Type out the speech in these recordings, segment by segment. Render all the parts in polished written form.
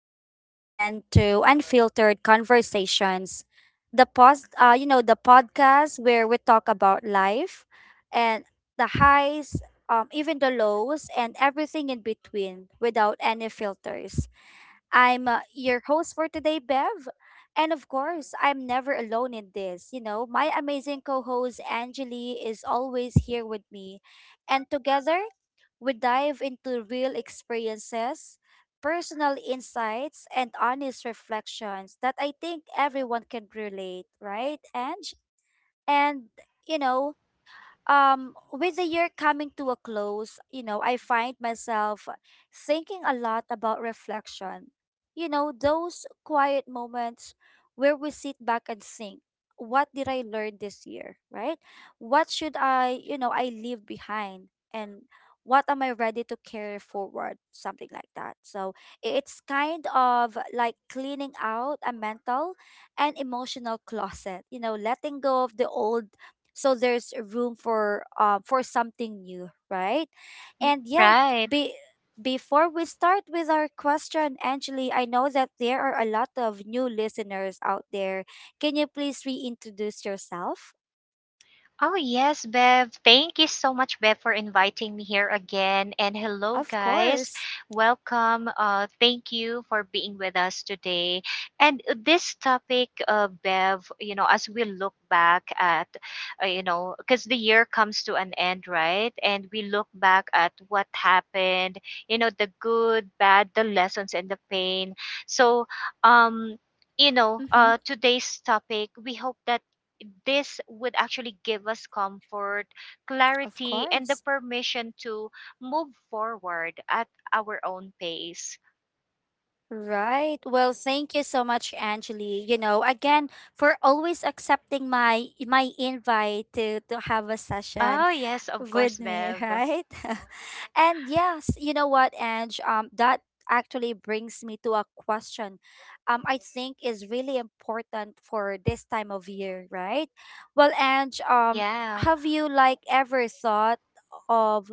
Welcome back again to Unfiltered Conversations, the pos- you know, the podcast where we talk about life and the highs, even the lows, and everything in between without any filters. I'm your host for today, Bev. And of course, I'm never alone in this. You know, my amazing co host, Angeli, is always here with me. And together, we dive into real experiences, personal insights, and honest reflections that I think everyone can relate, right, Ange? And, you know, with the year coming to a close, I find myself thinking a lot about reflection, those quiet moments where we sit back and think, what did I learn this year, right? What should I, I leave behind, and what am I ready to carry forward, something like that. So it's kind of like cleaning out a mental and emotional closet, you know, letting go of the old so there's room for something new, right? And yeah Right. be Before we start with our question, Angeli, I know that there are a lot of new listeners out there. Can you please reintroduce yourself? Oh, yes, Bev. Thank you so much, Bev, for inviting me here again. And hello, Of guys. course. Welcome. Thank you for being with us today. And this topic, Bev, as we look back at, because the year comes to an end, right? And we look back at what happened, the good, bad, the lessons, and the pain. So, um, Mm-hmm. Today's topic, we hope that this would actually give us comfort, Of clarity, and the course. permission to move forward at our own pace. Right. Well, thank you so much, Angeli. You know, again, for always accepting my invite to have a session Oh, yes, of course, with me, Bev. right? And yes, you know what, Ange? That actually brings me to a question I think is really important for this time of year, right? Well, Ange, Yeah, have you like ever thought of?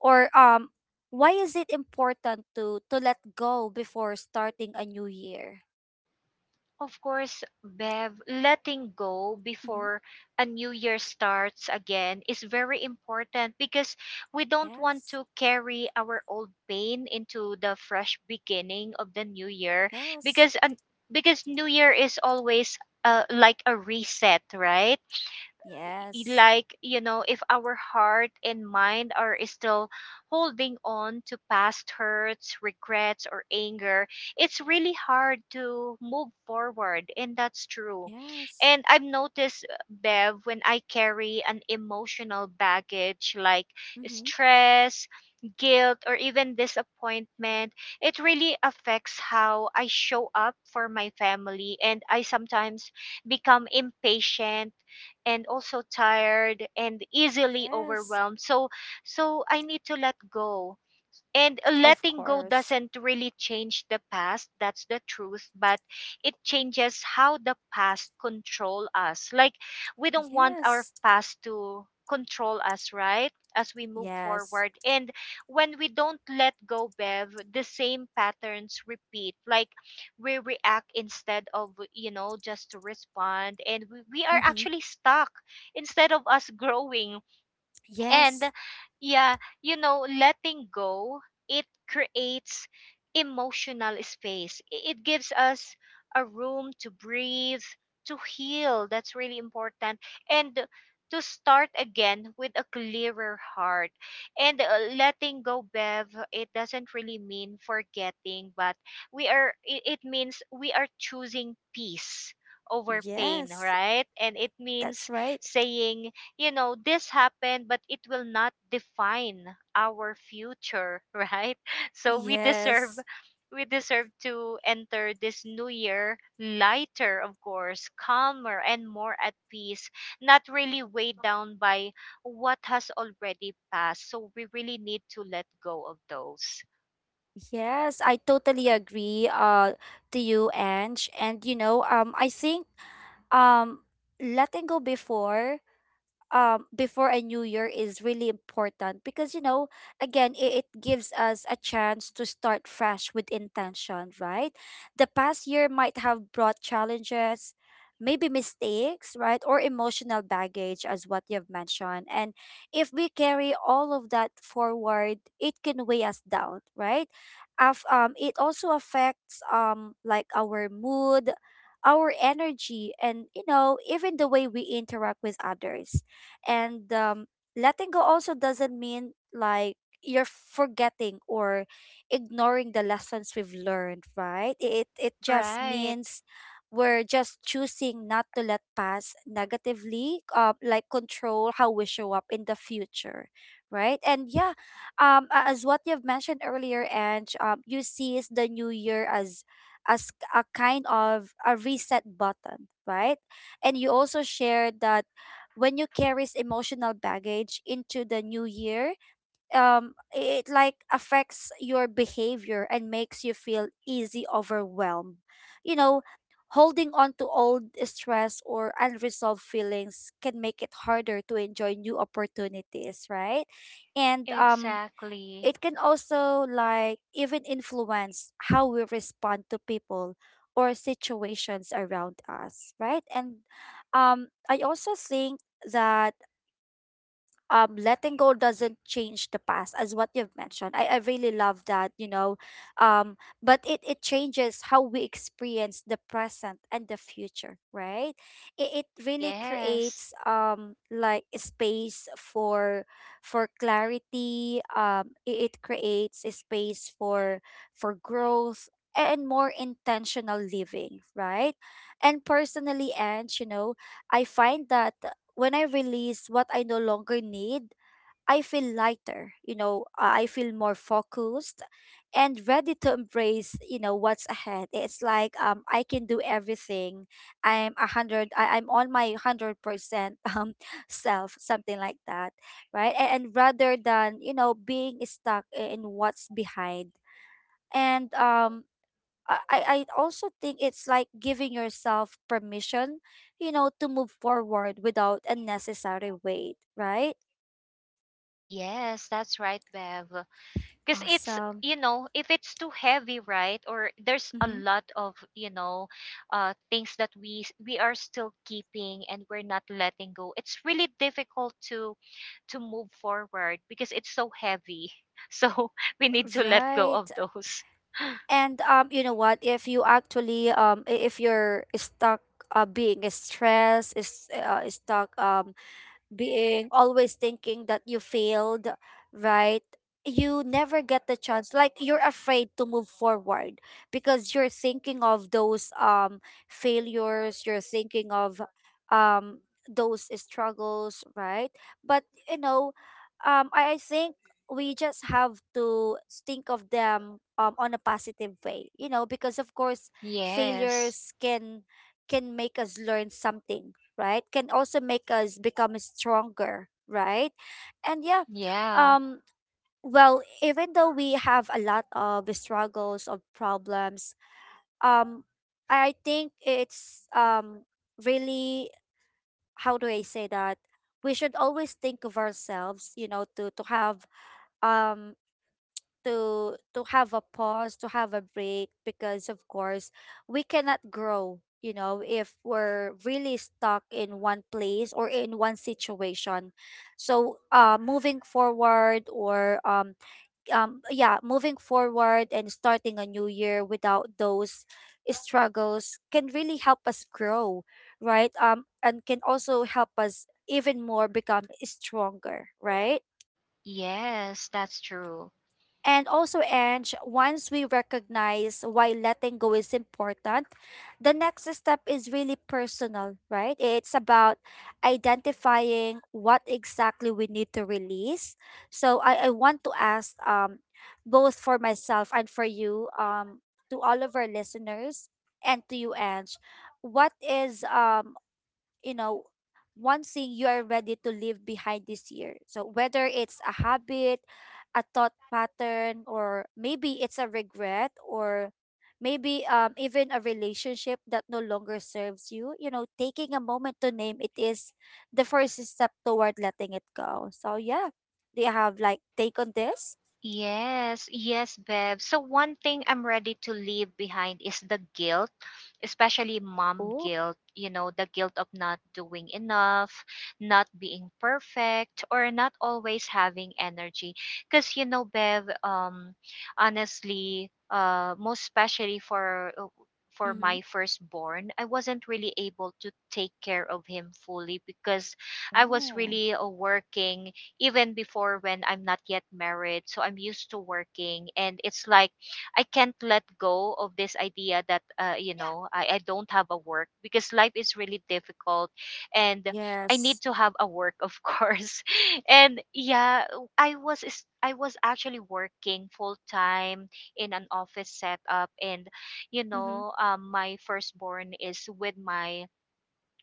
Or Why is it important to let go before starting a new year? of course, Bev, letting go Mm-hmm. before a new year starts again is very important because we don't want Yes. to carry our old pain into the fresh beginning of the new year, Yes. because an because new year is always like a reset, right? Yes. Like, if our heart and mind are still holding on to past hurts, regrets, or anger, it's really hard to move forward. And that's true. Yes. And I've noticed, Bev, when I carry an emotional baggage like Mm-hmm. stress, guilt, or even disappointment, it really affects how I show up for my family, and I sometimes become impatient and also tired and easily Yes. overwhelmed. So I need to let go. And Of letting go course. doesn't really change the past, that's the truth, but it changes how the past control us. Like, we don't want our Yes. past to control us, right, as we move Yes. forward. And when we don't let go, Bev, the same patterns repeat. Like, we react instead of, just to respond, and we are Mm-hmm. actually stuck instead of us growing. And Yes. yeah, letting go, it creates emotional space. It gives us a room to breathe, to heal. That's really important. And to start again with a clearer heart. And letting go, Bev, it doesn't really mean forgetting, but it means we are choosing peace over pain, Yes. right? And it means That's right. saying, this happened, but it will not define our future, right? So we deserve Yes. we deserve to enter this new year lighter, of course, calmer and more at peace, not really weighed down by what has already passed. So we really need to let go of those. Yes, I totally agree to you, Ange. And you know, I think um letting go before before a new year is really important because, you know, again it gives us a chance to start fresh with intention, right? The past year might have brought challenges, maybe mistakes, right, or emotional baggage as what you've mentioned, and if we carry all of that forward it can weigh us down, right? It also affects like our mood, our energy, and, you know, even the way we interact with others. And letting go also doesn't mean like you're forgetting or ignoring the lessons we've learned, right? It just Right. means we're just choosing not to let pass negatively, like control how we show up in the future, right? And yeah, as what you've mentioned earlier, and you see is the new year as as a kind of a reset button, right? And you also shared that when you carries emotional baggage into the new year, it like affects your behavior and makes you feel easy overwhelmed. You know, holding on to old stress or unresolved feelings can make it harder to enjoy new opportunities, right? And Exactly. it can also like even influence how we respond to people or situations around us, right? And I also think that letting go doesn't change the past, as what you've mentioned. I really love that, you know. um but it changes how we experience the present and the future, right? It really Yes. creates like a space for clarity. It creates a space for growth and more intentional living, right? And personally, and, you know, I find that when I release what I no longer need, I feel lighter. You know, I feel more focused and ready to embrace, you know, what's ahead. It's like I can do everything. I'm on my 100% self, something like that. Right. And rather than, you know, being stuck in what's behind. And I also think it's like giving yourself permission, you know, to move forward without unnecessary weight, right? Yes, that's right, Bev. Because it's, Awesome. If it's too heavy, right? Or there's a Mm-hmm. lot of, things that we are still keeping and we're not letting go. It's really difficult to move forward because it's so heavy. So we need to let go Right. of those. And you know what? If you actually if you're stuck, being stressed, is stuck, being always thinking that you failed, right? You never get the chance. Like you're afraid to move forward because you're thinking of those failures, you're thinking of um those struggles, right? But, you know, I think we just have to think of them on a positive way, you know, because of course Yes. failures can make us learn something, right? Can also make us become stronger, right? And yeah, Yeah. um well, even though we have a lot of struggles of problems, um I think it's really, how do I say that, we should always think of ourselves, you know, to have um to have a pause, to have a break, because of course we cannot grow, you know, if we're really stuck in one place or in one situation. So, moving forward, or yeah, moving forward and starting a new year without those struggles can really help us grow, right? And can also help us even more become stronger, right? Yes, that's true. And also, Ange, once we recognize why letting go is important, the next step is really personal, right? It's about identifying what exactly we need to release. So I want to ask both for myself and for you, to all of our listeners, and to you, Ange, what is you know, one thing you are ready to leave behind this year. So whether it's a habit, a thought pattern, or maybe it's a regret, or maybe even a relationship that no longer serves you, you know, taking a moment to name it is the first step toward letting it go. So yeah, do you have like take on this? Yes, yes, Bev. So one thing I'm ready to leave behind is the guilt, especially mom Oh. guilt, the guilt of not doing enough, not being perfect, or not always having energy. Because, Bev, honestly, most especially for for Mm-hmm. my firstborn, I wasn't really able to take care of him fully because I was Oh, really working even before when I'm not yet married. So I'm used to working, and it's like I can't let go of this idea that I don't have a work because life is really difficult, and I yes. need to have a work, of course. And yeah, I was actually working full time in an office setup, and Mm-hmm. My firstborn is with my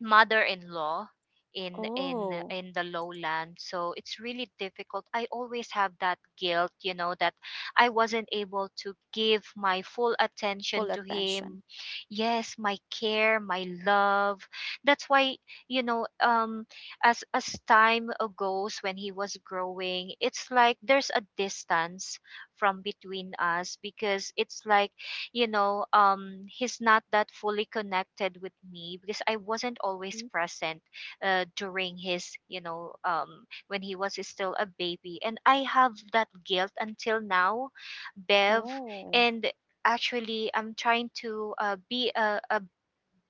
mother-in-law in in Oh, in the lowland, so it's really difficult. I always have that guilt, that I wasn't able to give my full attention full to attention. him, yes, my care, my love. That's why, you know um as time goes, when he was growing, it's like there's a distance from between us, because it's like, he's not that fully connected with me because I wasn't always Mhm. present during his, when he was still a baby. And I have that guilt until now, Bev. Oh. And actually, I'm trying to be a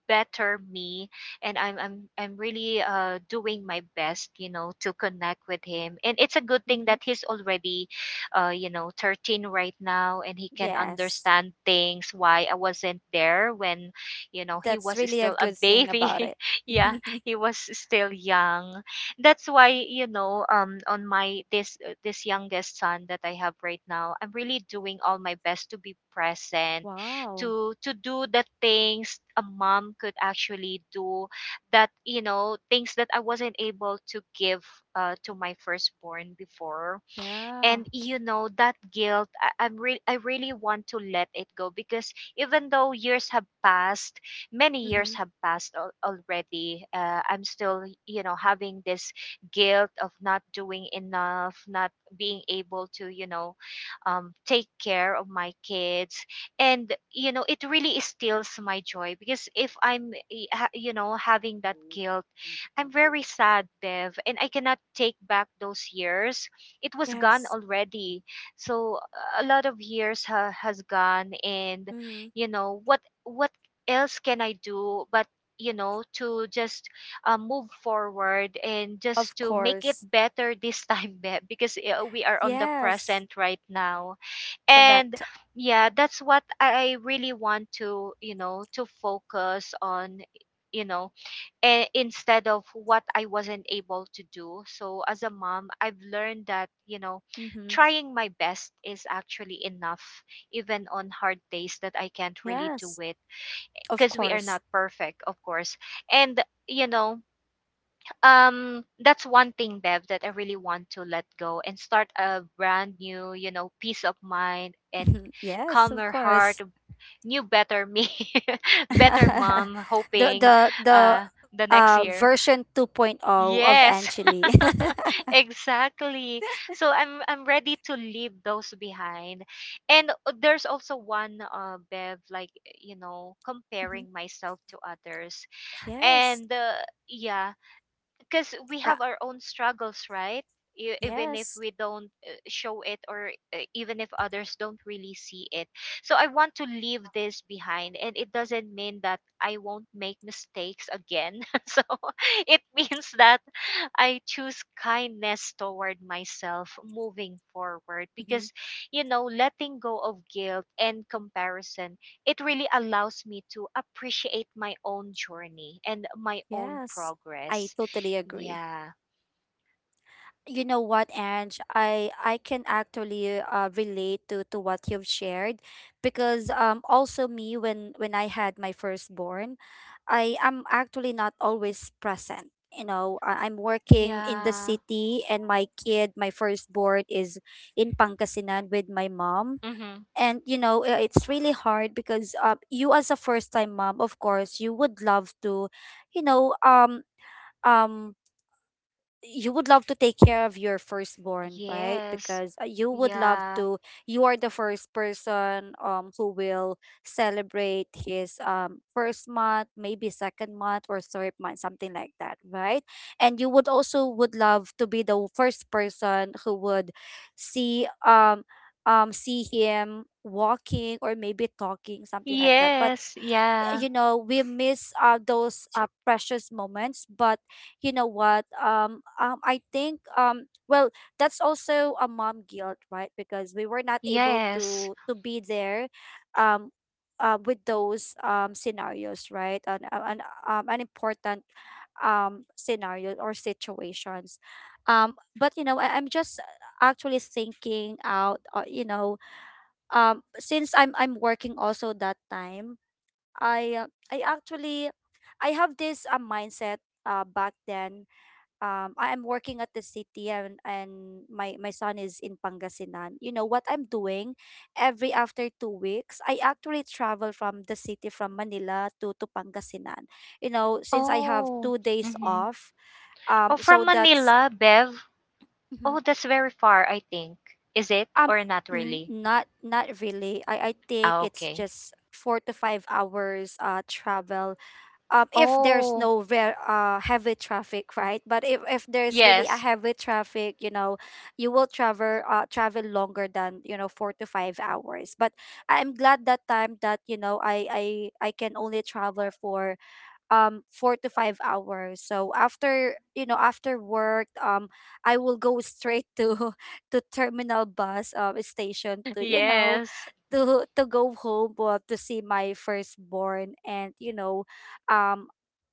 better me, and I'm really doing my best, to connect with him. And it's a good thing that he's already 13 right now and he can Yes, understand things why I wasn't there when, he that's was really a still a good thing baby. about it. Yeah, he was still young. That's why, on my this youngest son that I have right now, I'm really doing all my best to be present, Wow. to do the things a mom could actually do, that, things that I wasn't able to give to my firstborn before. Yeah. And, that guilt, I really want to let it go because, even though years have passed, many years have Mm-hmm. passed already, I'm still, having this guilt of not doing enough, not being able to, take care of my kids. And, it really steals my joy, because if I'm having that guilt, I'm very sad, Bev, and I cannot take back those years. It was gone Yes. already. So a lot of years has gone, and, Mm-hmm. What else can I do but, to just move forward and Of just to make it course. better this time, because we are on the Yes. present right now. And Correct. yeah, that's what I really want to focus on, you know instead of what I wasn't able to do. So as a mom, I've learned that, Mm-hmm. trying my best is actually enough, even on hard days that I can't really do Yes. it, Of because we are course. not perfect, of course. And, you know, that's one thing, Bev, that I really want to let go and start a brand new, peace of mind and Mhm. Yes, of calmer heart, course. new better me, better mom, the hoping the the uh, the next uh year. version 2.0 of Yes. Angeli. Exactly. So I'm ready to leave those behind. And there's also one, Bev, like, Mhm. comparing myself to others. Yes. And yeah, because we Uh, have our own struggles, right? Even if yes. we don't, show it, or even if others don't really see it. So, I want to leave this behind, and it doesn't mean that I won't make mistakes again. So, it means that I choose kindness toward myself moving forward, Mm-hmm. because, letting go of guilt and comparison, it really allows me to appreciate my own journey and my own Yes. I progress. totally agree. Yeah. You know what, Ange, I can actually relate to what you've shared, because also me, when I had my firstborn, I am actually not always present. You know, I'm working in the Yeah. city and my kid, my firstborn is in Pangasinan with my mom. Mm-hmm. And you know, it's really hard because, you as a first-time mom, of course, you would love to, you know, um you would love to take care of your firstborn, right? Yes. Because, you would love Yeah. to, you are the first person who will celebrate his first month, maybe second month or third month, something like that, right? And you would also would love to be the first person who would see see him walking or maybe talking, something like that. But Yes. Yeah. you know, we miss those precious moments. But you know what, I think, well, that's also a mom guilt, right, because we were not able Yes. to be there um with those scenarios, right? And An important scenario or situations. But you know, I'm just actually thinking out, you know, since I'm working also that time, I actually, I have this mindset back then. I am working at the city and, my, my son is in Pangasinan. You know what I'm doing, every after 2 weeks, I actually travel from the city from Manila to Pangasinan. You know, since I have Oh. 2 days Mm-hmm. off, Oh, so from that's, Manila, Bev. Mhm. Oh, that's very far, I think. Is it um or not really? not not really. I think Ah, it's okay. just 4 to 5 hours travel, if there's Oh, no very heavy traffic, right? But if there's really a yes. heavy traffic, you know, you will travel travel longer than, you know, 4 to 5 hours. But I'm glad that time that, you know, I can only travel for 4 to 5 hours. So after, you know, after work, I will go straight to to terminal bus station, to, you know, Yes. to go home, to see my firstborn. And you know, um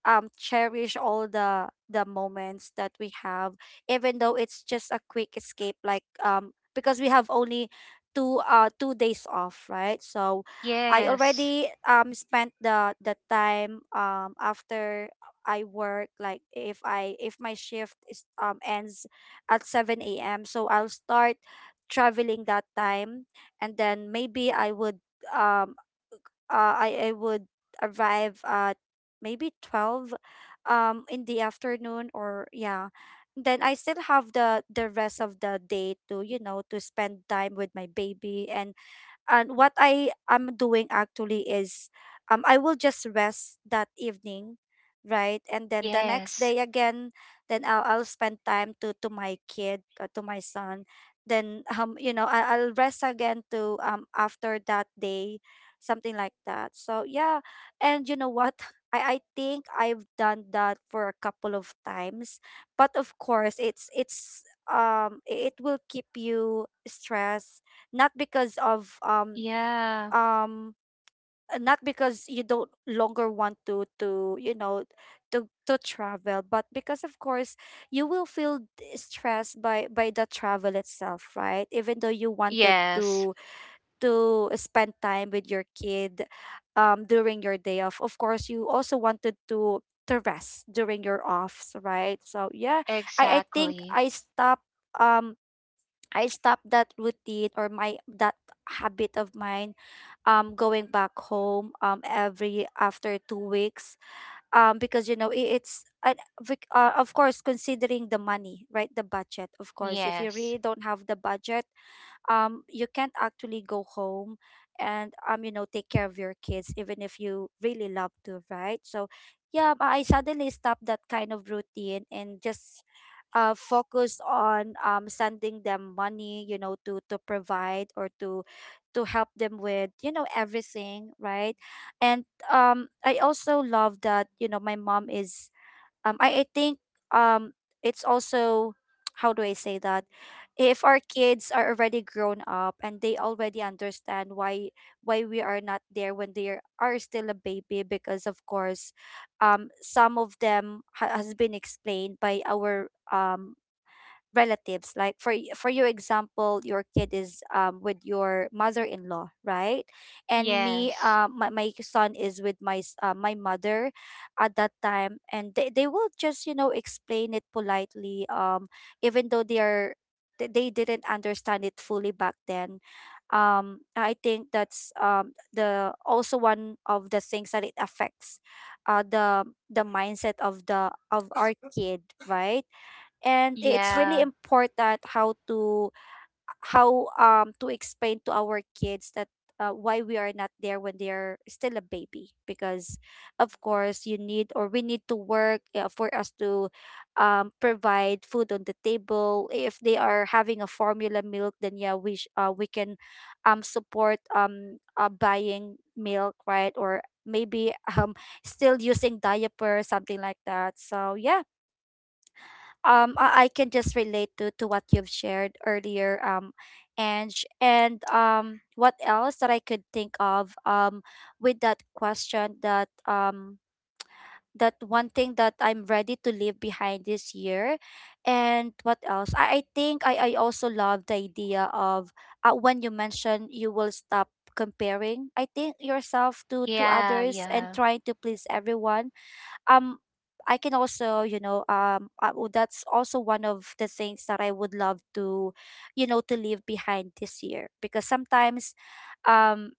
cherish all the moments that we have, even though it's just a quick escape, like because we have only 2 days off, right? So I Yes. already spent the time after I work. Like if I, if my shift is ends at 7 a.m. So I'll start traveling that time, and then maybe I would um I I would arrive at maybe 12 in the afternoon or yeah. Then I still have the rest of the day to to spend time with my baby. And what I am doing actually is, I will just rest that evening, right? And then the next Yes. day again, then I'll spend time to my kid or to my son. Then I'll rest again to after that day, something like that. So yeah, and you know what? I think I've done that for a couple of times. But of course, it will keep you stressed, not because of Yeah. um not because you don't longer want to to travel, but because of course you will feel stressed by the travel itself, right? Even though you wanted Yes. To spend time with your kid during your day off, of course you also wanted to rest during your offs, right? So yeah, I think Exactly. I stopped, um I stopped that routine, or my that habit of mine, going back home every after 2 weeks. Because you know, it's and of course, considering the money, right, the budget. Of course, if you really Yes. don't have the budget, you can't actually go home and you know, take care of your kids, even if you really love to, right? So yeah, I suddenly stopped that kind of routine and just focused on sending them money, you know, to provide, or to help them with you know everything, right? And I also love that you know my mom is, I think, um, it's also, how do I say that? If our kids are already grown up and they already understand why we are not there when they are still a baby. Because of course, some of them has been explained by our relatives. Like for for your example, your kid is with your mother-in-law, right? And me, Yes. my son is with my mother at that time, and they will just you know explain it politely, even though they are, they didn't understand it fully back then. I think that's the also one of the things that it affects, the mindset of the of our kid, right? And it's really Yeah. important how to, how to explain to our kids that why we are not there when they are still a baby. Because of course you need, or we need to work, for us to provide food on the table. If they are having a formula milk, then yeah, we can support buying milk, right? Or maybe still using diaper, something like that. So yeah, I can just relate to what you've shared earlier, and and what else that I could think of with that question, that that one thing that I'm ready to leave behind this year. And what else, I think I also love the idea of, when you mentioned you will stop comparing, I think, yourself to Yeah. others and Yeah. trying to please everyone. um I can also, you know, that's also one of the things that I would love to, you know, to leave behind this year. Because sometimes, um,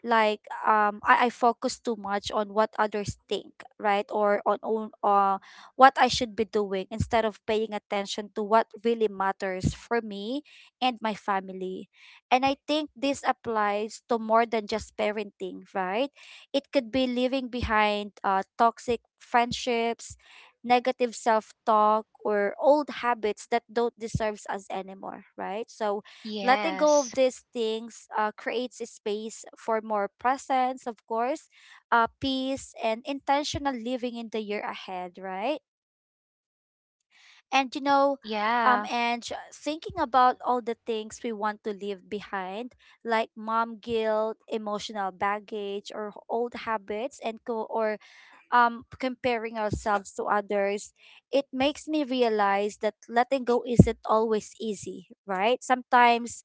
like I focus too much on what others think, right? Or on own what I should be doing, instead of paying attention to what really matters for me and my family. And I think this applies to more than just parenting, right? It could be leaving behind toxic friendships, negative self-talk, or old habits that don't deserve us anymore, right? So letting go of Yes. these things creates a space for more presence, of course, peace, and intentional living in the year ahead, right? And you know, Yeah. Thinking about all the things we want to leave behind, like mom guilt, emotional baggage, or old habits, and co- or comparing ourselves to others, it makes me realize that letting go isn't always easy, right? Sometimes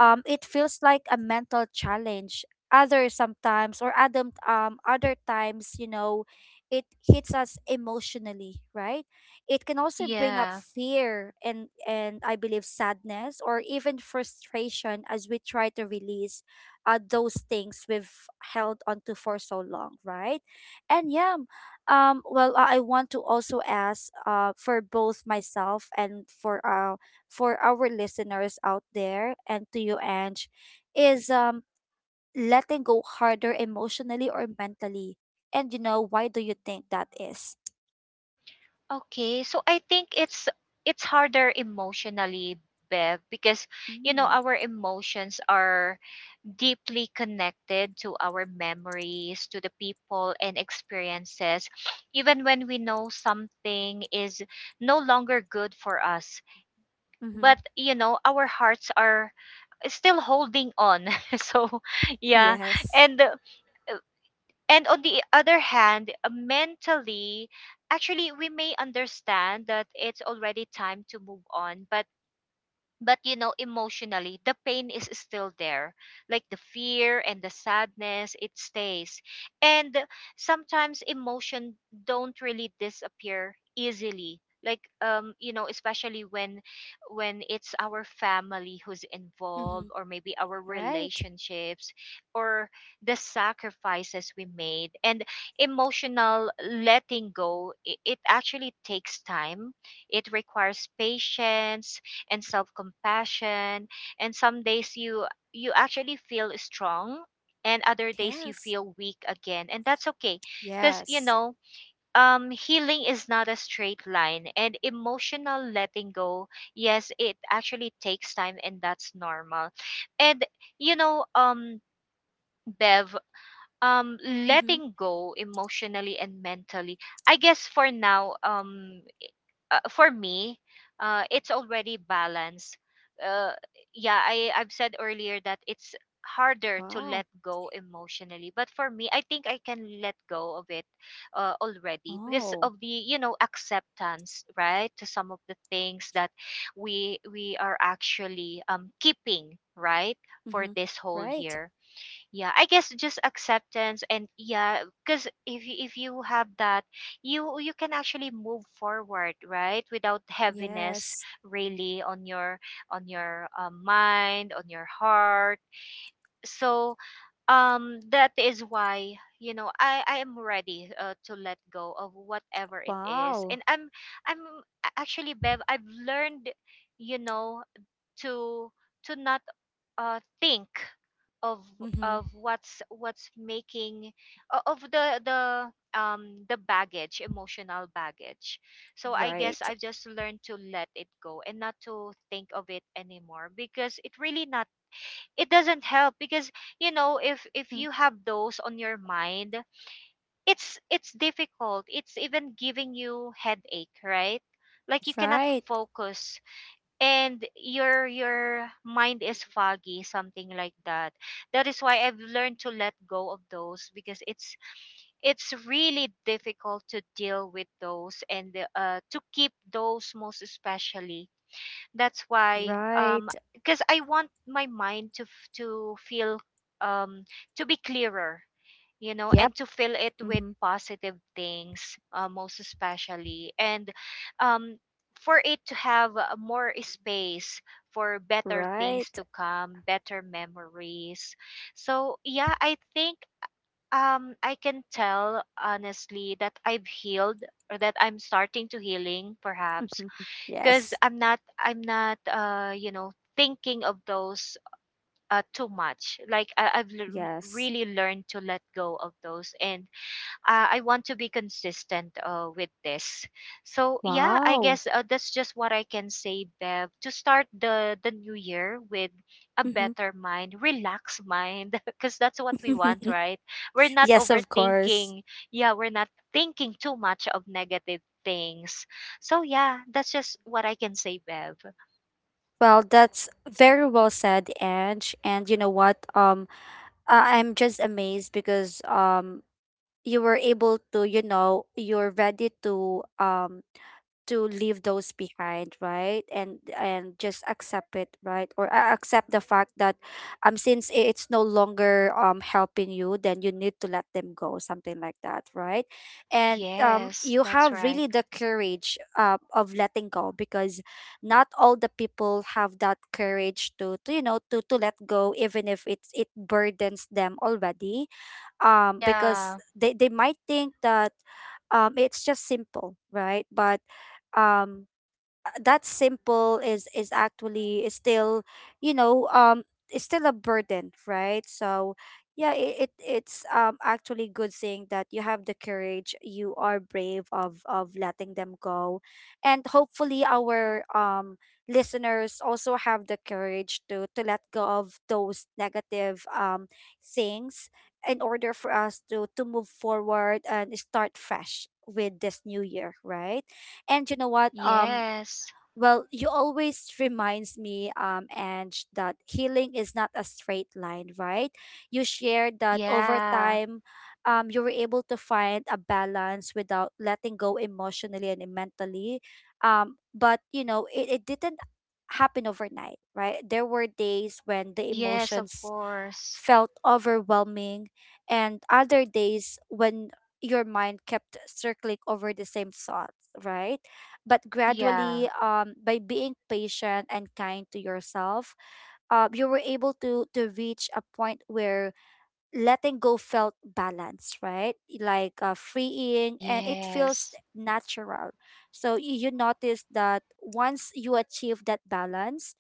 it feels like a mental challenge. Other sometimes, or other times, you know, it hits us emotionally, right? It can also bring up Yeah. fear, and I believe sadness, or even frustration, as we try to release those things we've held onto for so long, right? And yeah, well, I want to also ask, for both myself and for our listeners out there, and to you, Ange, is letting go harder emotionally or mentally? And, you know, why do you think that is? Okay. So I think it's harder emotionally, Bev, because, Mm. our emotions are deeply connected to our memories, to the people and experiences. Even when we know something is no longer good for us, but, Mm-hmm. Our hearts are still holding on. So yeah, Yes. and uh, And on the other hand, mentally, actually, we may understand that it's already time to move on, but emotionally the pain is still there, like the fear and the sadness, it stays. And sometimes emotion don't really disappear easily, like, especially when it's our family who's Mm-hmm. involved, or maybe our Right. relationships, or the sacrifices we made. And emotional letting go, it actually takes time. It requires patience and self-compassion. And some days you actually feel strong, and other days you Yes. feel weak again, and that's okay, because, Yes. Healing is not a straight line. And emotional letting go, yes, it actually takes time, and that's normal. And, you know um Bev, letting Mm-hmm. go emotionally and mentally, I guess for now, for me, it's already balanced. Uh, yeah, I've said earlier that it's harder to Wow. let go emotionally, but for me, I think I can let go of it already because Oh. of the acceptance, right, to some of the things that we are actually keeping, right, for Mm-hmm. this whole Right. year. Yeah, I guess just acceptance. And yeah, because if you, have that, you can actually move forward, right, without heaviness Yes. really on your, mind, on your heart. So that is why, you know, I am ready, to let go of whatever it is. Wow. And i'm actually, Bev, I've learned, you know, to to not think of, Mm-hmm. What's making, of the baggage, emotional baggage. So I guess Right. I've just learned to let it go and not to think of it anymore because, it really not it doesn't help, because, you know, if, Mm. you have those on your mind, it's difficult. It's even giving you headache, right? Like, you cannot Right. focus, and your mind is foggy, something like that. That is why I've learned to let go of those because it's really difficult to deal with those and, to keep those, most especially. That's why, Right. Because I want my mind to, feel, um to be clearer, you know, Yep. and to fill it with Mm-hmm. positive things, most especially. And, um, for it to have, more space for better Right. things to come, better memories. So, yeah, I think, I can tell honestly that I've healed, or that I'm starting to healing perhaps, Mm-hmm. because Yes. I'm not, thinking of those, too much. Like, I've Yes. really learned to let go of those. And, I want to be consistent, with this. So yeah, I Wow. guess, that's just what I can say, Bev. To start the new year with a Mhm. better mind, relaxed mind, because that's what we want, right? We're not Yes, of course. overthinking. Yeah, we're not thinking too much of negative things. So yeah, that's just what I can say, Bev. Well, that's very well said, Ange. And you know what? I'm just amazed because you were able to, you know, you're ready to leave those behind, right? And just accept it, right? Or accept the fact that it's no longer helping you, then you need to let them go, something like that, right? And Yes, you that's have right. really the courage of letting go. Because not all the people have that courage to you know to let go, even if it's it burdens them already. Because Yeah. They might think that it's just simple, right? But um that simple is actually is still, you know, it's still a burden, right? So yeah, it it's actually good thing that you have the courage, you are brave of letting them go. And hopefully our listeners also have the courage to let go of those negative things, in order for us to move forward and start fresh with this new year, right? And you know what? Yes. Well, you always reminds me, Ange, that healing is not a straight line, right? You shared that over Yeah. time, you were able to find a balance without letting go emotionally and mentally. But you know, it didn't happen overnight, right? There were days when the Yes, of emotions course. felt overwhelming, and other days when your mind kept circling over the same thoughts, right? But Yeah. gradually, by being patient and kind to yourself, you were able to reach a point where letting go felt balanced, right? Like freeing, and it feels Yes, natural. So you notice that once you achieve that balance,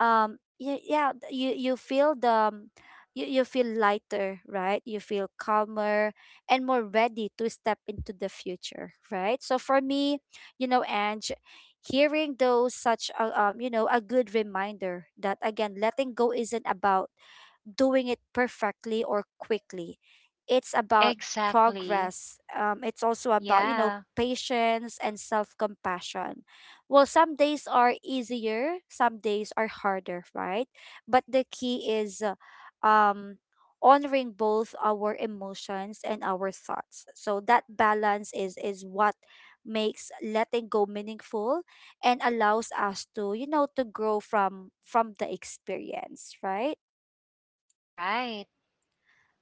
yeah, yeah, you you feel the you, you feel lighter, right? You feel calmer and more ready to step into the future, right? So for me, you know, Ange, hearing those such a you know, a good reminder that again, letting go isn't about doing it perfectly or quickly. It's about exactly. progress. It's also about, you know, Yeah, patience and self compassion. Well, some days are easier, some days are harder, right? But the key is honoring both our emotions and our thoughts. So that balance is what makes letting go meaningful, and allows us to you know to grow from the experience, right? right.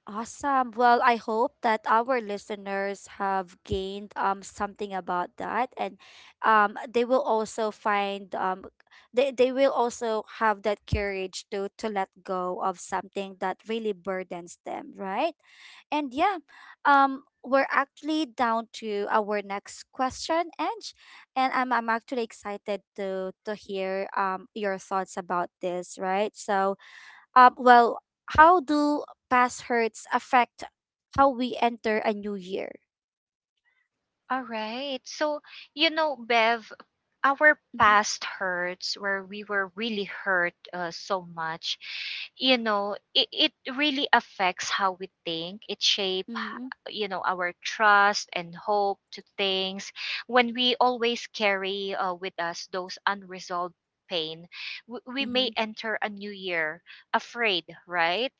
Awesome. Well, I hope that our listeners have gained something about that, and they will also find they will also have that courage to let go of something that really burdens them, right? And yeah, we're actually down to our next question, Edge, and I'm actually excited to hear your thoughts about this, right? So, well, how do past hurts affect how we enter a new year? All right. So, you know, Bev, our Mm-hmm. past hurts, where we were really hurt, so much, you know, it really affects how we think. It shape, Mm-hmm. you know, our trust and hope to things. When we always carry, with us those unresolved pain, we may Mm-hmm. enter a new year afraid, right?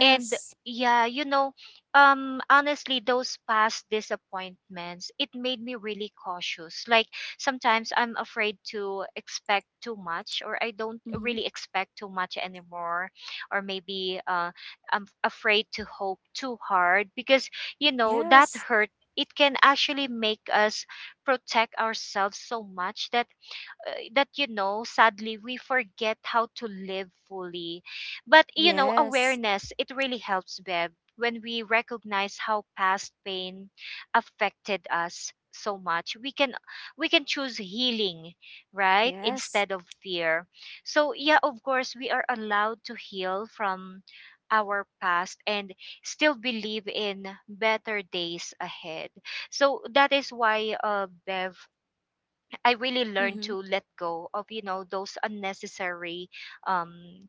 And yeah, you know, honestly those past disappointments, it made me really cautious. Like, sometimes I'm afraid to expect too much, or I don't Mm-hmm. really expect too much anymore, or maybe, I'm afraid to hope too hard, because, you know, that Yes. hurt, it can actually make us protect ourselves so much that, you know, sadly we forget how to live fully. But, you know, Yes. awareness, it really helps, Bev. When we recognize how past pain affected us so much, we can choose healing, right, Yes. instead of fear. So yeah, of course, we are allowed to heal from our past, and still believe in better days ahead. So that is why, Bev, I really learned to Mm-hmm. let go of, you know, those unnecessary, um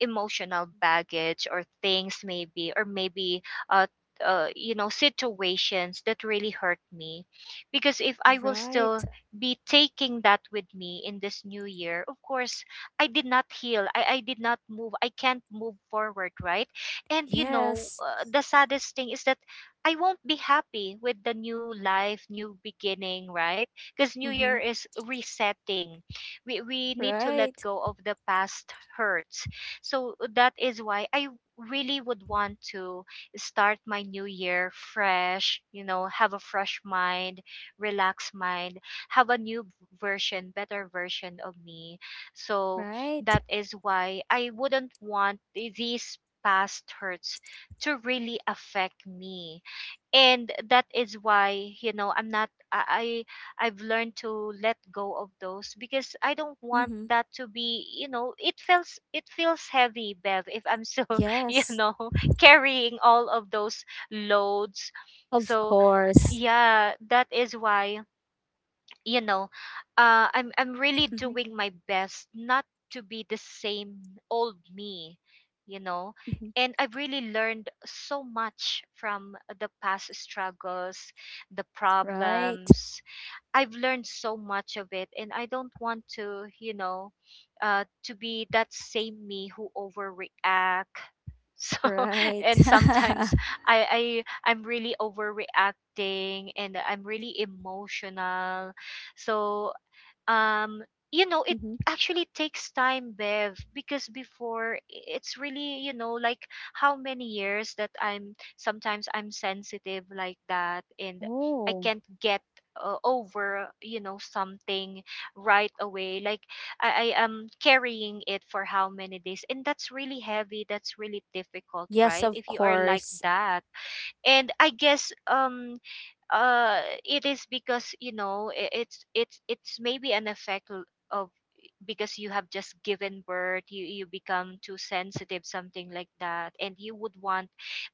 emotional baggage, or things, maybe, or maybe uh, you know, situations that really hurt me. Because if I will Right. still be taking that with me in this new year, of course, I did not heal, I did not move, I can't move forward, right? And, you know, Yes. The saddest thing is that I won't be happy with the new life, new beginning, right? Because new year Mm-hmm. is resetting. We need to let Right. go of the past hurts. So, that is why I really would want to start my new year fresh, you know, have a fresh mind, relaxed mind, have a new version, better version of me. So Right. that is why I wouldn't want these past hurts to really affect me. And that is why, you know, I'm not, I've learned to let go of those, because I don't want Mm-hmm. that to be, you know, it feels heavy, Bev, if I'm so you Yes. know, carrying all of those loads. Of So course. yeah, that is why, you know, I'm really Mm-hmm. doing my best not to be the same old me, you know, and I've really learned so much from the past struggles, the Mm-hmm. Right. problems. I've learned so much of it, and I don't want to, you know, to be that same me who overreact. So, Right. and sometimes, I I I'm really overreacting and I'm really emotional. So, um you know, it Mm-hmm. actually takes time, Bev, because before, it's really, you know, like, how many years that, I'm sometimes I'm sensitive like that, and I Oh. can't get, over, you know, something right away, like, I am carrying it for how many days, and that's really heavy, that's really difficult, Yes, right, of if you are like course. that. And I guess, it is because, you know, it's maybe an effect, of, because you have just given birth, you become too sensitive, something like that, and you would want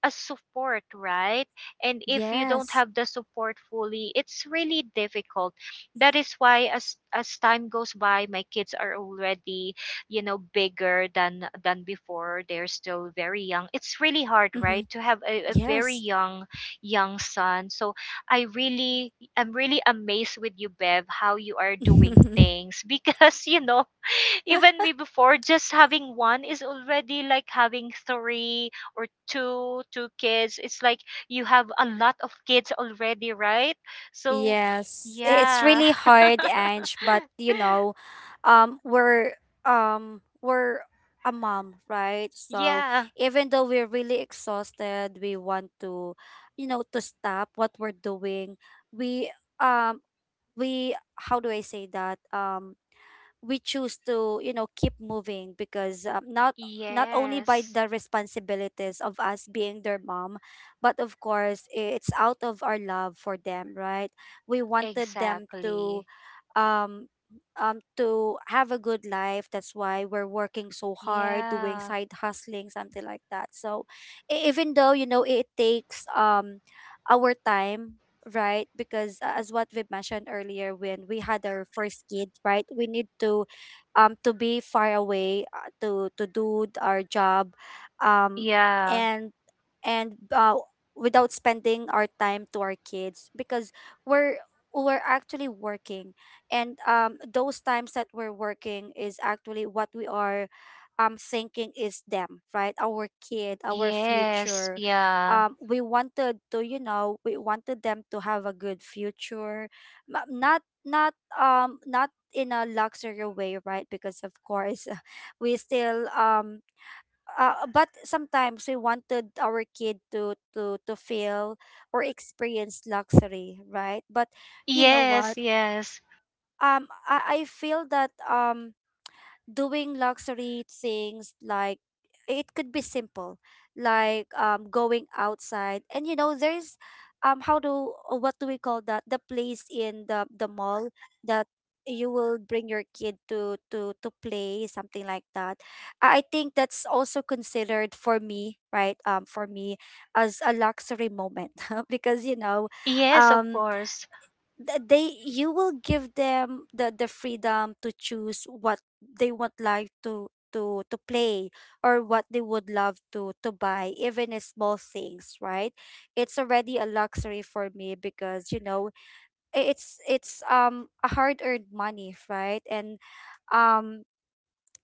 a support, right? And if you don't Yes. have the support fully, it's really difficult. That is why, as time goes by, my kids are already, you know, bigger than before, they're still very young. It's really hard, Mm-hmm. right, to have a very Yes. young son. So, I'm really amazed with you, Bev, how you are doing things, because, you know, even me, before, just having one is already like having three, or two kids. It's like you have a lot of kids already, right? So, Yes, it's yeah. really hard, Ange, but you know, we're we're a mom, right? So Yeah. even though we're really exhausted, we want to, you know, to stop what we're doing. We um we how do I say that? We choose to you know keep moving, because not not only by Yes. the responsibilities of us being their mom, but of course it's out of our love for them, right? We wanted them Exactly. um to have a good life, that's why we're working so hard doing Yeah. side hustling, something like that. So even though you know it takes our time, right? Because as what we've mentioned earlier, when we had our first kid, right, we need to be far away, to do our job. Um Yeah. and and Without spending our time to our kids because we're we're actually working. And those times that we're working is actually what we are thinking is them, right? Our kid, our Yes. future. Yeah. We wanted to, you know, we wanted them to have a good future. Not not in a luxury way, right? Because of course, we still but sometimes we wanted our kid to feel or experience luxury, right? But you know what? Yes, yes. I feel that doing luxury things, like, it could be simple, like going outside. And you know there's how do what do we call that, the place in the mall that you will bring your kid to play, something like that. I think that's also considered, for me, right? For me, as a luxury moment, because you know, Yes, of um course. They, you will give them the freedom to choose what they would like to play, or what they would love to buy, even as small things, right? It's already a luxury for me because, you know, it's a hard earned money, right? And um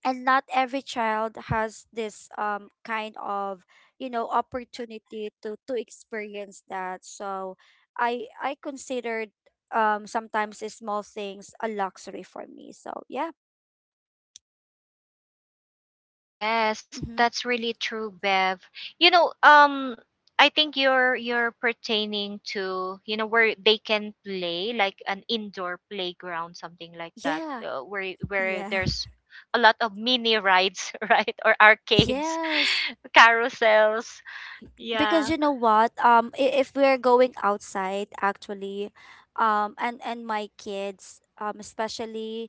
and not every child has this kind of, you know, opportunity to experience that. So I considered sometimes the small things a luxury for me, so yeah. Yes, that's Mm-hmm. really true, Bev. You know, I think you're pertaining to, you know, where they can play, like, an indoor playground, something like that, Yeah, where yeah, there's a lot of mini rides, right? Or arcades, yes, carousels. because Yeah. you know what, if we're going outside, actually, and my kids, especially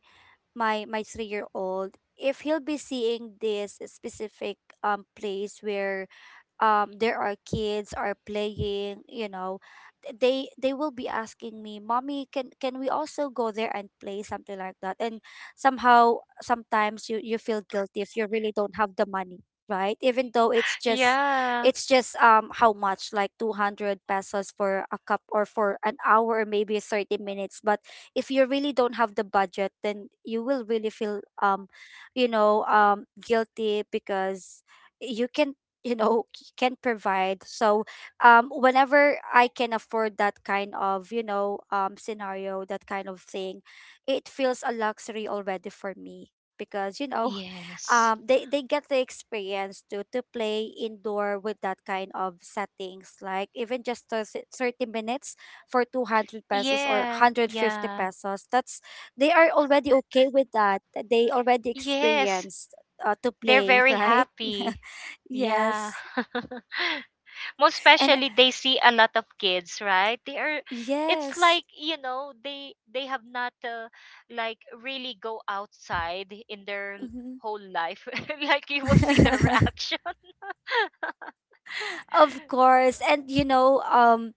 my 3 year old, if he'll be seeing this specific place where there are kids are playing, you know, they will be asking me, mommy, can we also go there and play, something like that. And somehow, sometimes you, you feel guilty if you really don't have the money, right? Even though it's just, Yeah. How much, like 200 pesos for a cup, or for an hour, or maybe 30 minutes. But if you really don't have the budget, then you will really feel you know guilty, because you can you know, can provide. So whenever I can afford that kind of, you know, scenario, that kind of thing, it feels a luxury already for me because you know, Yes. They, get the experience to play indoor with that kind of settings, like even just those 30 minutes for 200 pesos or Yeah. 150 Yeah. pesos. That's, they are already okay with that. They already Yes. experienced, to They're play, very right? happy. Yeah. Yes. Most And especially they see a lot of kids, right? They are, it's yes. like, you know, they have not, like, really go outside in their, Mhm. whole life, like, you will see the reaction. Of course. And you know,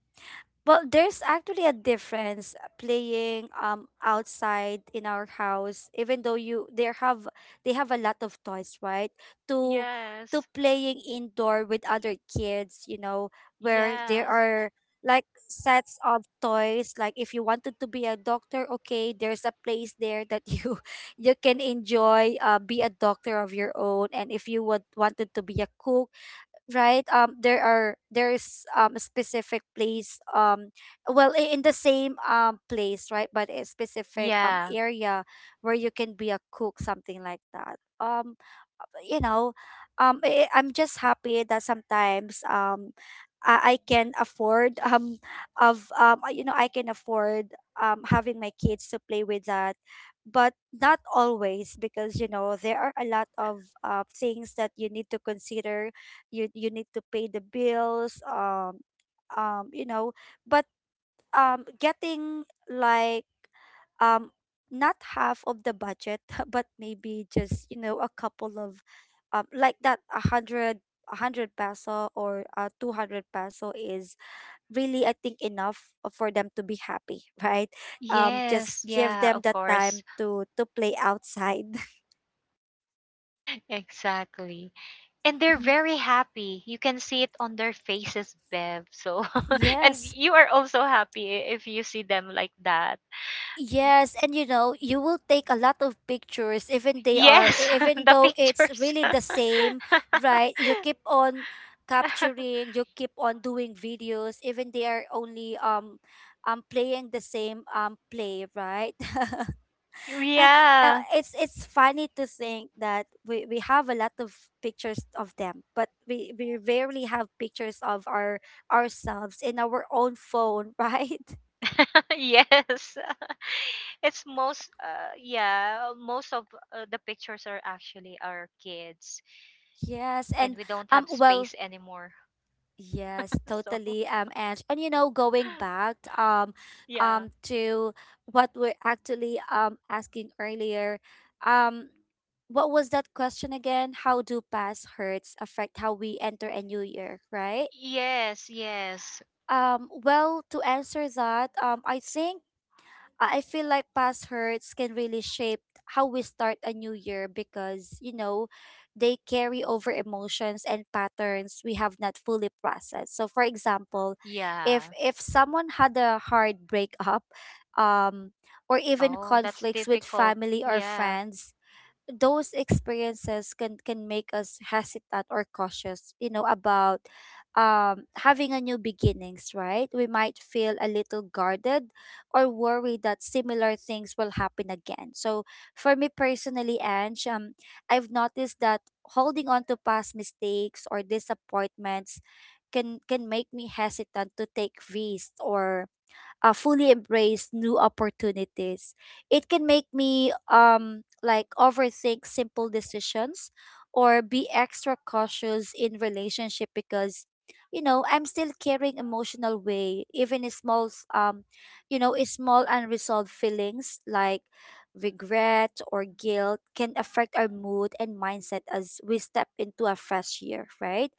well, there's actually a difference playing outside in our house, even though you, they have a lot of toys, right? To to Yes. playing indoor with other kids, you know, where there Yeah. are, like, sets of toys. Like, if you wanted to be a doctor, okay, there's a place there that you you can enjoy, be a doctor of your own. And if you would wanted to be a cook, right, there is a specific place, well, in the same place, right? But a specific Yeah. area where you can be a cook, something like that. You know, I'm just happy that sometimes I can afford of you know, I can afford having my kids to play with that. But not always, because you know, there are a lot of things that you need to consider. You need to pay the bills. You know, but getting, like, um not half of the budget, but maybe just, you know, a couple of like that, a hundred peso, or 200 peso, is really, I think, enough for them to be happy, right? Just Yes. give Yeah, them of the time course. to play outside. Exactly. And they're Mhm. very happy, you can see it on their faces, Bev. So, and Yes. you are also happy if you see them like that. Yes, and you know, you will take a lot of pictures, even they are Yes, even the though it's pictures. really the same, right? You keep on capturing, you keep on doing videos, even they are only playing the same play, right? Uh, Yeah. it's funny to think that we have a lot of pictures of them, but we rarely have pictures of our ourselves in our own phone, right? Yes. It's most Yeah, most of, the pictures are actually our kids, Yes. and And we don't um have well space anymore. yes, So, totally. And you know, going back, yeah. To what we're actually asking earlier, um, what was that question again? How do past hurts affect how we enter a new year, right? Yes, yes. Well, to answer that, I think I feel like past hurts can really shape how we start a new year because, you know, they carry over emotions and patterns we have not fully processed. So for example, Yeah. if someone had a hard breakup, um, or even Oh, that's conflicts with difficult. family or Yeah. friends, those experiences can make us hesitant or cautious, you know, about having a new beginnings, right? We might feel a little guarded or worried that similar things will happen again. So for me personally, Ange, I've noticed that holding on to past mistakes or disappointments can make me hesitant to take risks, or fully embrace new opportunities. It can make me like, overthink simple decisions, or be extra cautious in relationship, because you know, I'm still carrying emotional weight. Even a small you know, a small unresolved feelings like regret or guilt can affect our mood and mindset as we step into a fresh year, right?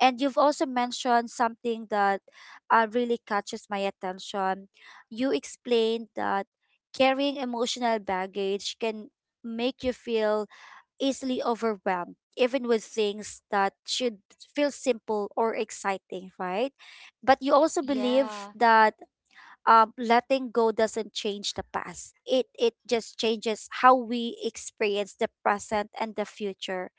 And you've also mentioned something that, really catches my attention. You explained that carrying emotional baggage can make you feel easily overwhelmed, even with things that should feel simple or exciting, right? But you also believe Yeah. that letting go doesn't change the past. It just changes how we experience the present and the future,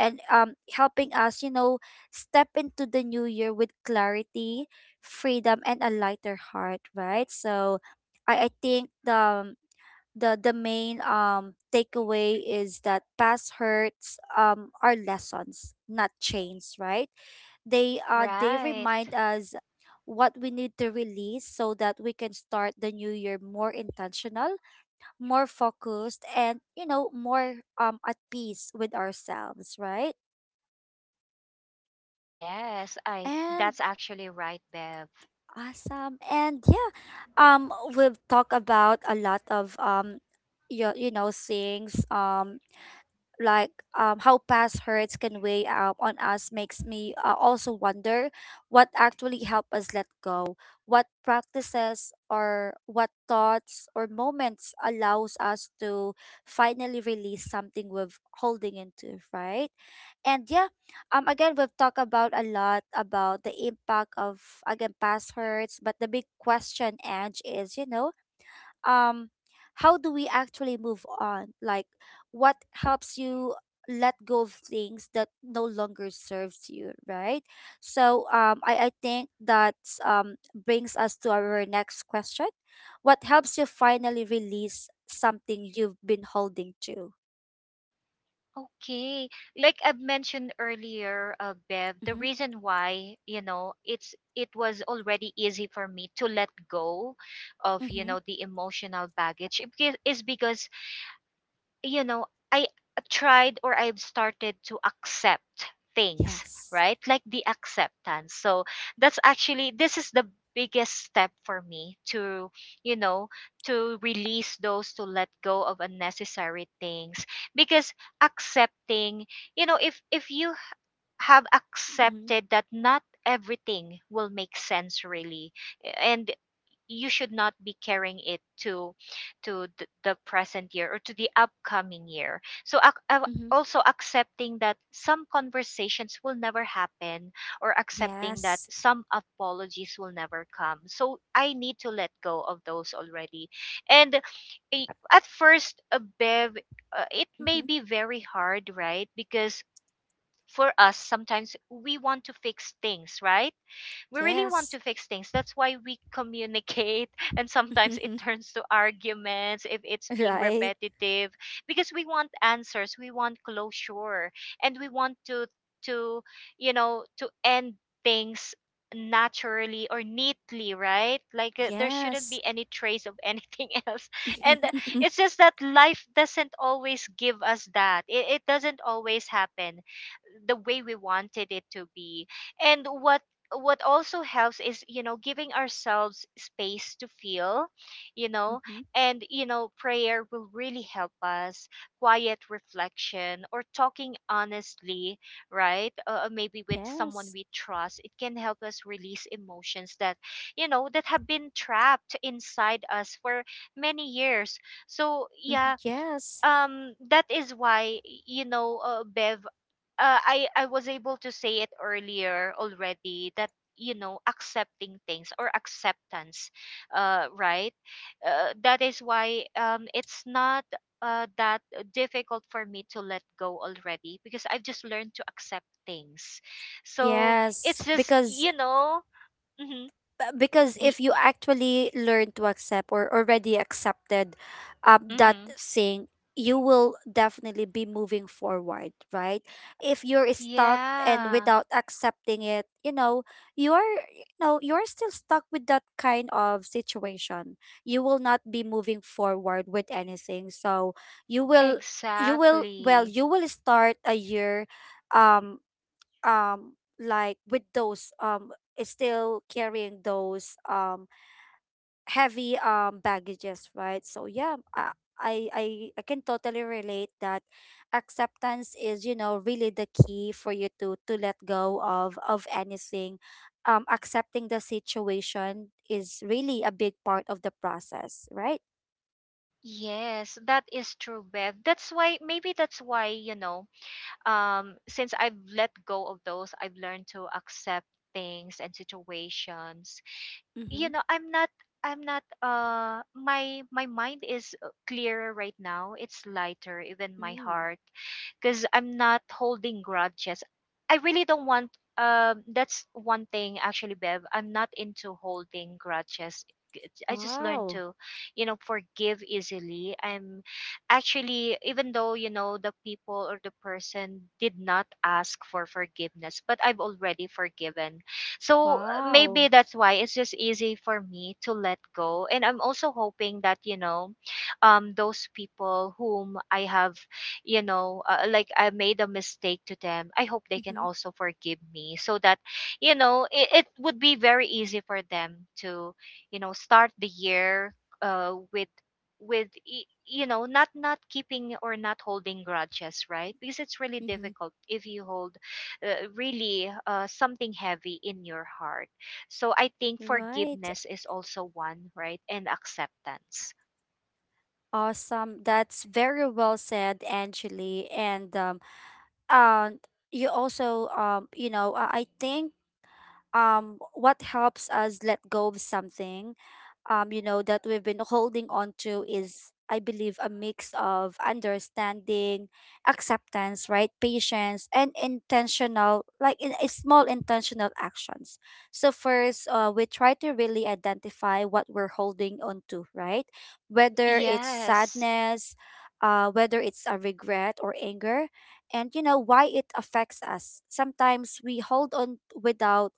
and helping us, you know, step into the new year with clarity, freedom, and a lighter heart. Right. So, I think the main takeaway is that past hurts are lessons, not chains, right? They Right. remind us what we need to release so that we can start the new year more intentional, more focused, and you know, more at peace with ourselves, right? Yes, I And that's actually right, Bev. awesome. And yeah, um we've talked about a lot of you, you know, things, like how past hurts can weigh, on us, makes me, also wonder what actually help us let go, what practices, or what thoughts, or moments allows us to finally release something we've holding into, right? And yeah, again, we've talked about a lot about the impact of, again, past hurts, but the big question, edge, is, you know, um how do we actually move on, like, what helps you let go of things that no longer serves you, right? So I think that um brings us to our next question. What helps you finally release something you've been holding to? Okay. Like I've mentioned earlier, Bev, the Mm-hmm. reason why, you know, it was already easy for me to let go of, you Mm-hmm. know, the emotional baggage, is because, you know, I tried, or I've started to accept things, Yes. right? Like, the acceptance. So that's actually, this is the biggest step for me to, you know, to release those, to let go of unnecessary things. Because accepting, you know, if you have Mm-hmm. accepted that not everything will make sense really, and you should not be carrying it to, the present year, or to the upcoming year. So, Mm-hmm. also accepting that some conversations will never happen, or accepting that Yes. some apologies will never come, so I need to let go of those already. And, at first, a Bev, it may Mm-hmm. be very hard, right? Because for us, sometimes, we want to fix things, right? We really want to Yes. fix things. That's why we communicate, and sometimes it turns to arguments if it's being Right. repetitive, because we want answers, we want closure, and we want to, to you know, to end things naturally or neatly, right? Like, there shouldn't Yes. be any trace of anything else. And, Mm-hmm. it's just that life doesn't always give us that. It doesn't always happen the way we wanted it to be. And what also helps is, you know, giving ourselves space to feel, you know, and, you know, prayer will really help us. Quiet reflection or talking honestly, right, maybe with someone Yes. we trust. It can help us release emotions that, you know, that have been trapped inside us for many years. So Mhm. yeah, Yes. That is why, you know, Bev, I was able to say it earlier already that, you know, accepting things, or acceptance, right, that is why, it's not, that difficult for me to let go already, because I've just learned to accept things. So Yes, it's just, because, you know. Mm-hmm. Because if you actually learn to accept, or already accepted that Mm-hmm. thing, you will definitely be moving forward, right? If you're stuck and Yeah, without accepting it, you know, you know, you're still stuck with that kind of situation. You will not be moving forward with anything. So, you will you will, well, exactly. you will start a year um like with those, is still carrying those heavy baggages, right? So yeah, i i I can totally relate that acceptance is, you know, really the key for you to let go of anything. Accepting the situation is really a big part of the process, right? Yes, that is true, Bev. That's why, maybe that's why, you know, since I've let go of those, I've learned to accept things and situations. You know, Mm-hmm. I'm not my mind is, clearer right now. It's lighter, even my Mm. heart, because I'm not holding grudges. I really don't want, that's one thing, actually, Bev. I'm not into holding grudges. I just learned Wow. to, you know, forgive easily. I'm actually, even though, you know, the people or the person did not ask for forgiveness, but I've already forgiven. So, Wow. maybe that's why it's just easy for me to let go. And I'm also hoping that those people whom I have, like I made a mistake to them. I hope they can Mm-hmm. also forgive me so that you know it would be very easy for them to you know start the year with with not keeping or not holding grudges, right? Because it's really Mm-hmm. difficult if you hold really something heavy in your heart. So I think Right. forgiveness is also one, right? And acceptance. Awesome. That's very well said, Angeli. And you also I think what helps us let go of something that we've been holding on to is I believe a mix of understanding, acceptance, right, patience, and intentional, like in small intentional actions. So first, we try to really identify what we're holding on to, right? Whether it's Yes, sadness, whether it's a regret or anger, and you know, why it affects us. Sometimes we hold on without,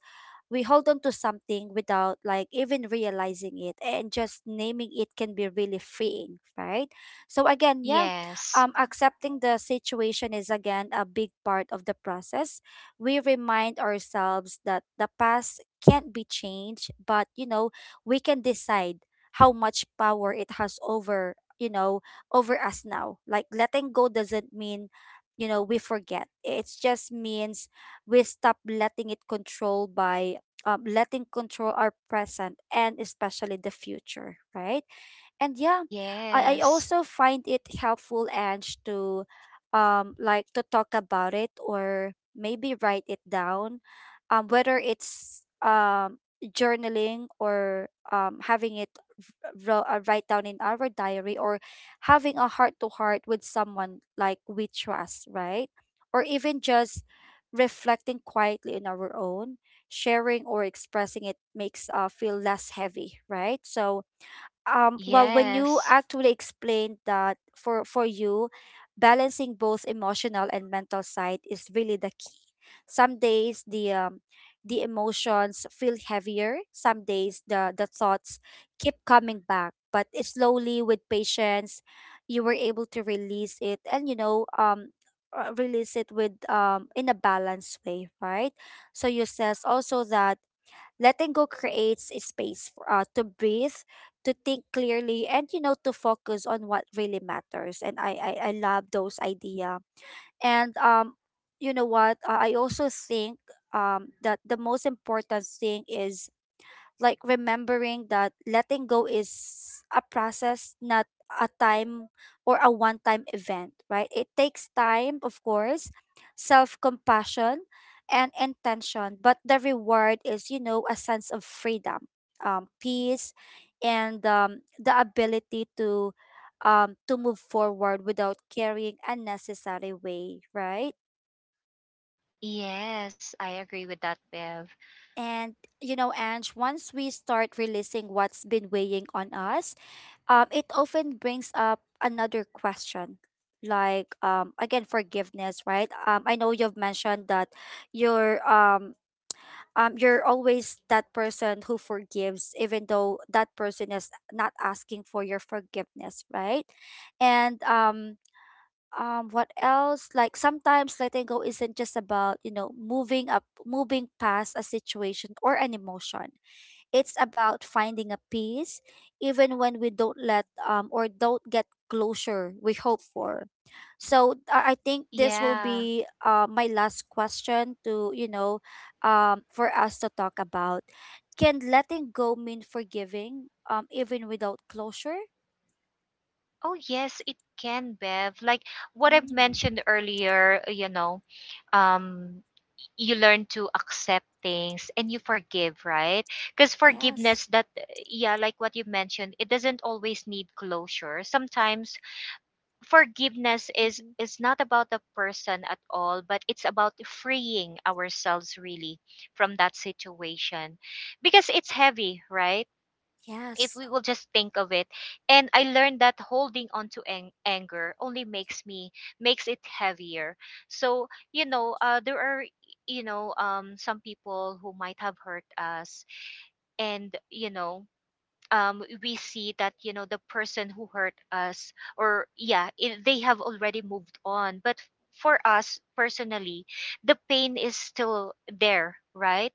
we hold on to something without like even realizing it, and just naming it can be really freeing, right? So again, yeah, yes, accepting the situation is again a big part of the process. We remind ourselves that the past can't be changed, but you know, we can decide how much power it has over, you know, over us now. Like letting go doesn't mean, you know, we forget. It just means we stop letting it control by, letting control our present and especially the future, right? And yeah, I yes, also find it helpful and to like to talk about it or maybe write it down, whether it's journaling or having it write down in our diary, or having a heart to heart with someone like we trust, right? Or even just reflecting quietly on our own. Sharing or expressing it makes feel less heavy, right? So well, when you yes, actually explained that for you, balancing both emotional and mental side is really the key. Some days the emotions feel heavier, some days the thoughts keep coming back, but slowly with patience, you were able to release it. And you know, release it with in a balanced way, right? So you says also that letting go creates a space for, to breathe, to think clearly, and you know, to focus on what really matters. And I love those idea. And you know what? I also think that the most important thing is like remembering that letting go is a process, not a time or a one time event, right? It takes time, of course, self compassion, and intention, but the reward is, you know, a sense of freedom, peace, and the ability to. To move forward without carrying unnecessary weight, right? yes, I agree with that, Bev. And you know, Ange, once we start releasing what's been weighing on us, it often brings up another question, like again forgiveness, right? I know you've mentioned that you're um, you're always that person who forgives even though that person is not asking for your forgiveness, right? And what else, like sometimes letting go isn't just about, you know, moving up, moving past a situation or an emotion. It's about finding a peace, even when we don't let or don't get closure we hope for. So I think this will Yeah. be my last question to, you know, for us to talk about. Can letting go mean forgiving, even without closure? Oh, yes, it can, Bev. Like what I've Mm, mentioned earlier, you know, um, you learn to accept things and you forgive, right? Because yes, forgiveness, that, yeah, like what you mentioned, it doesn't always need closure. Sometimes forgiveness is mm-hmm, is not about the person at all, but it's about freeing ourselves, really, from that situation, because it's heavy, right? If yes, we will just think of it, and I learned that holding on to anger only makes me makes it heavier. So you know, there are, some people who might have hurt us, and you know, we see that, you know, the person who hurt us, or yeah, they have already moved on, but for us personally the pain is still there, right?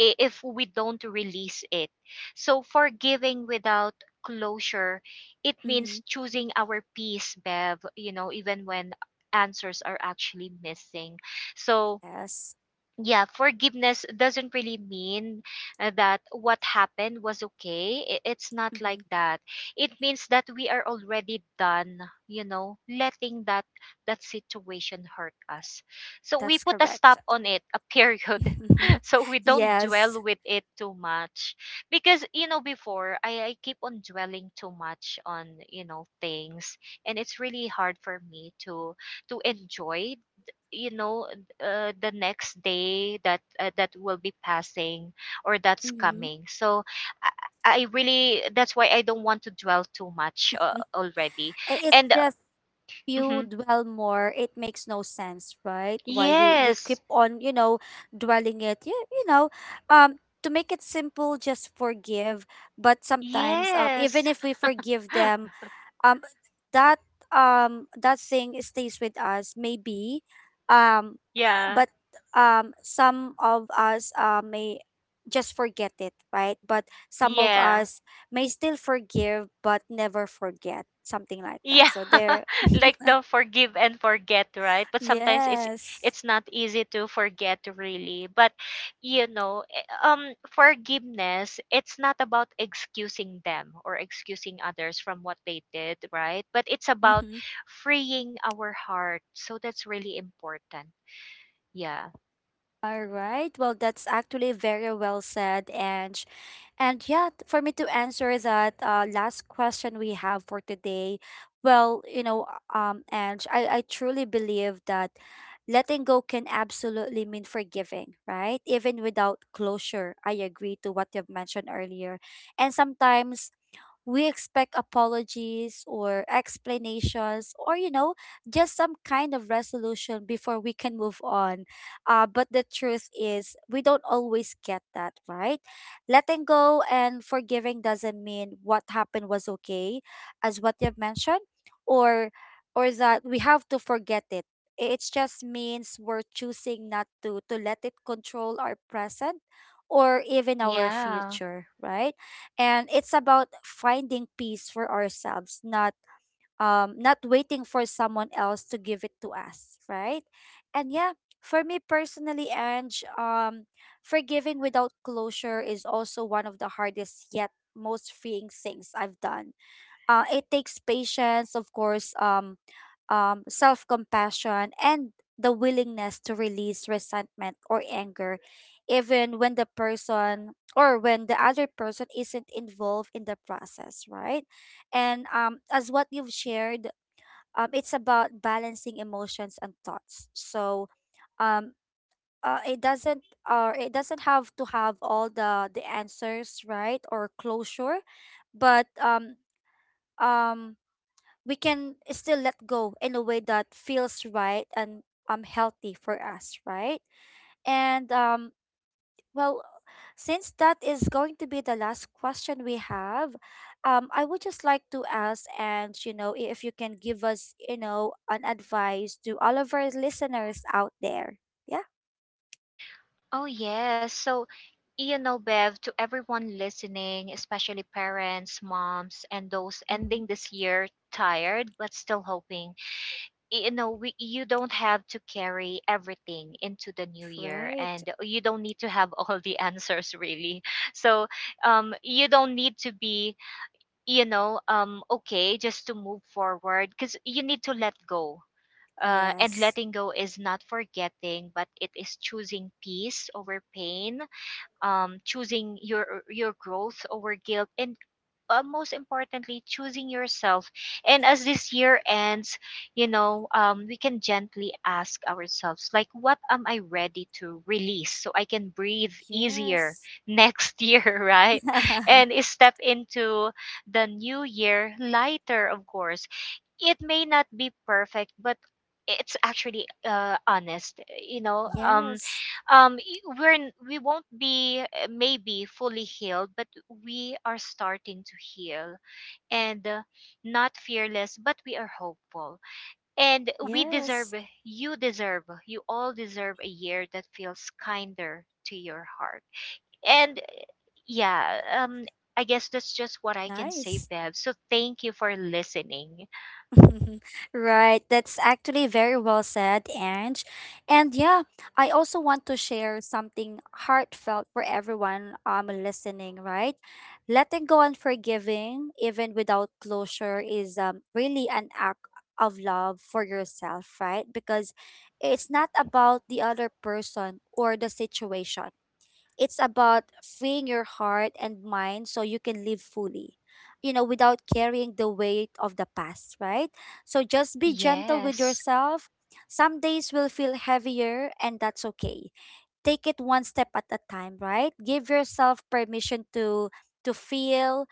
If we don't release it. So forgiving without closure, it means mm-hmm, choosing our peace, Bev, you know, even when answers are actually missing. So yes, yeah, forgiveness doesn't really mean that what happened was okay. It's not like mm-hmm. that. It means that we are already done, you know, letting that situation hurt us. So we That's put a correct. stop on it, a period, so we don't Yes. dwell with it too much. Because you know, before, I keep on dwelling too much on, you know, things, and it's really hard for me to enjoy, you know, the next day that that will be passing or that's Mm-hmm. coming. So I really, that's why I don't want to dwell too much already. I- It's And just you mhm. dwell more, it makes no sense, right? Why you keep Yes, on, you know, dwelling it. You know, to make it simple, just forgive. But sometimes, yes. even if we forgive them, um, that that thing stays with us. Maybe, um, Yeah. but some of us may just forget it, right? But some of Yeah. us may still forgive but never forget something like that, Yeah, so there. like the forgive and forget, right? But sometimes it's Yes. it's not easy to forget, really. But you know, forgiveness, it's not about excusing them or excusing others from what they did, right? But it's about Mm-hmm. freeing our heart. So that's really important. Yeah. All right. Well, that's actually very well said, Ange. And yeah, t- for me to answer that last question we have for today, well, you know, Ange, I truly believe that letting go can absolutely mean forgiving, right? Even without closure. I agree to what you've mentioned earlier. And sometimes we expect apologies or explanations, or you know, just some kind of resolution before we can move on. But the truth is we don't always get that, right? Letting go and forgiving doesn't mean what happened was okay, as what you've mentioned, or or that we have to forget it. It just means we're choosing not to let it control our present or even our Yeah. future, right? And it's about finding peace for ourselves, not not waiting for someone else to give it to us, right? And yeah, for me personally, and um forgiving without closure is also one of the hardest yet most freeing things I've done. It takes patience, of course, self compassion, and the willingness to release resentment or anger, even when the person or when the other person isn't involved in the process, right? And as what you've shared, it's about balancing emotions and thoughts. So, um, it doesn't, or it doesn't have to have all the answers, right, or closure, but um we can still let go in a way that feels right and healthy for us, right? And well, since that is going to be the last question we have, I would just like to ask, and you know, I- if you can give us, you know, an advice to all of our listeners out there. Yeah. Oh, yes. So, you know, Bev, to everyone listening, especially parents, moms, and those Mm-hmm. ending this year tired but still hoping, you know, we, you don't have to carry everything into the new year, Right. and you don't need to have all the answers, really. So, you don't need to be, you know, okay, just to move forward, because you need to let go. And Yes. letting go is not forgetting, but it is choosing peace over pain, choosing your growth over guilt, and most importantly, choosing yourself. And as this year ends, you know, we can gently ask ourselves, like, what am I ready to release so I can breathe easier Yes. next year, right? And step into the new year lighter, of course. It may not be perfect, but it's actually honest, you know. Yes. We're we won't be maybe fully healed, but we are starting to heal. And not fearless, but we are hopeful. And we deserve, Yes. you deserve, you all deserve a year that feels kinder to your heart. And yeah, I guess that's just what I can say, Nice. Bev. So thank you for listening. Right, that's actually very well said, Ange. And yeah, I also want to share something heartfelt for everyone listening, right? Letting go and forgiving even without closure is really an act of love for yourself, right? Because it's not about the other person or the situation. It's about freeing your heart and mind so you can live fully, you know, without carrying the weight of the past, right? So just be gentle with Yes. yourself. Some days will feel heavier, and that's okay. Take it one step at a time, right? Give yourself permission to feel,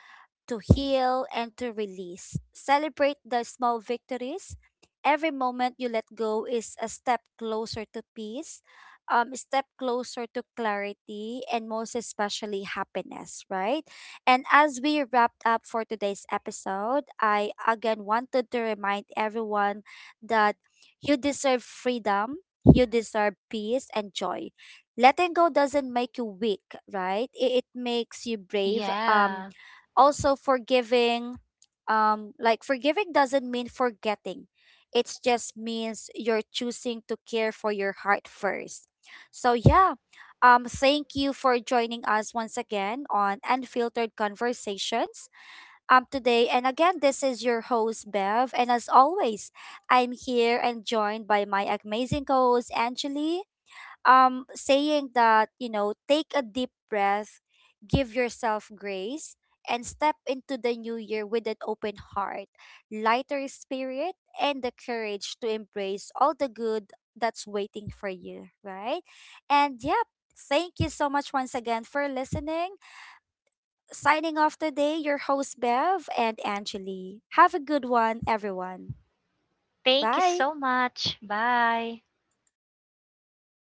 to heal, and to release. Celebrate the small victories. Every moment you let go is a step closer to peace, a step closer to clarity, and most especially happiness, right? And as we wrapped up for today's episode, I again wanted to remind everyone that you deserve freedom, you deserve peace and joy. Letting go doesn't make you weak, right? It makes you brave. Yeah. Also forgiving like forgiving doesn't mean forgetting, it just means you're choosing to care for your heart first. So yeah, thank you for joining us once again on Unfiltered Conversations today, and again this is your host Bev, and as always, I'm here and joined by my amazing co-host Angeli, saying that, you know, take a deep breath, give yourself grace, and step into the new year with an open heart, lighter spirit, and the courage to embrace all the good that's waiting for you, right? And yep, thank you so much once again for listening. Signing off today, your host Bev and Angeli. Have a good one, everyone. Thank you Bye. so much. Bye.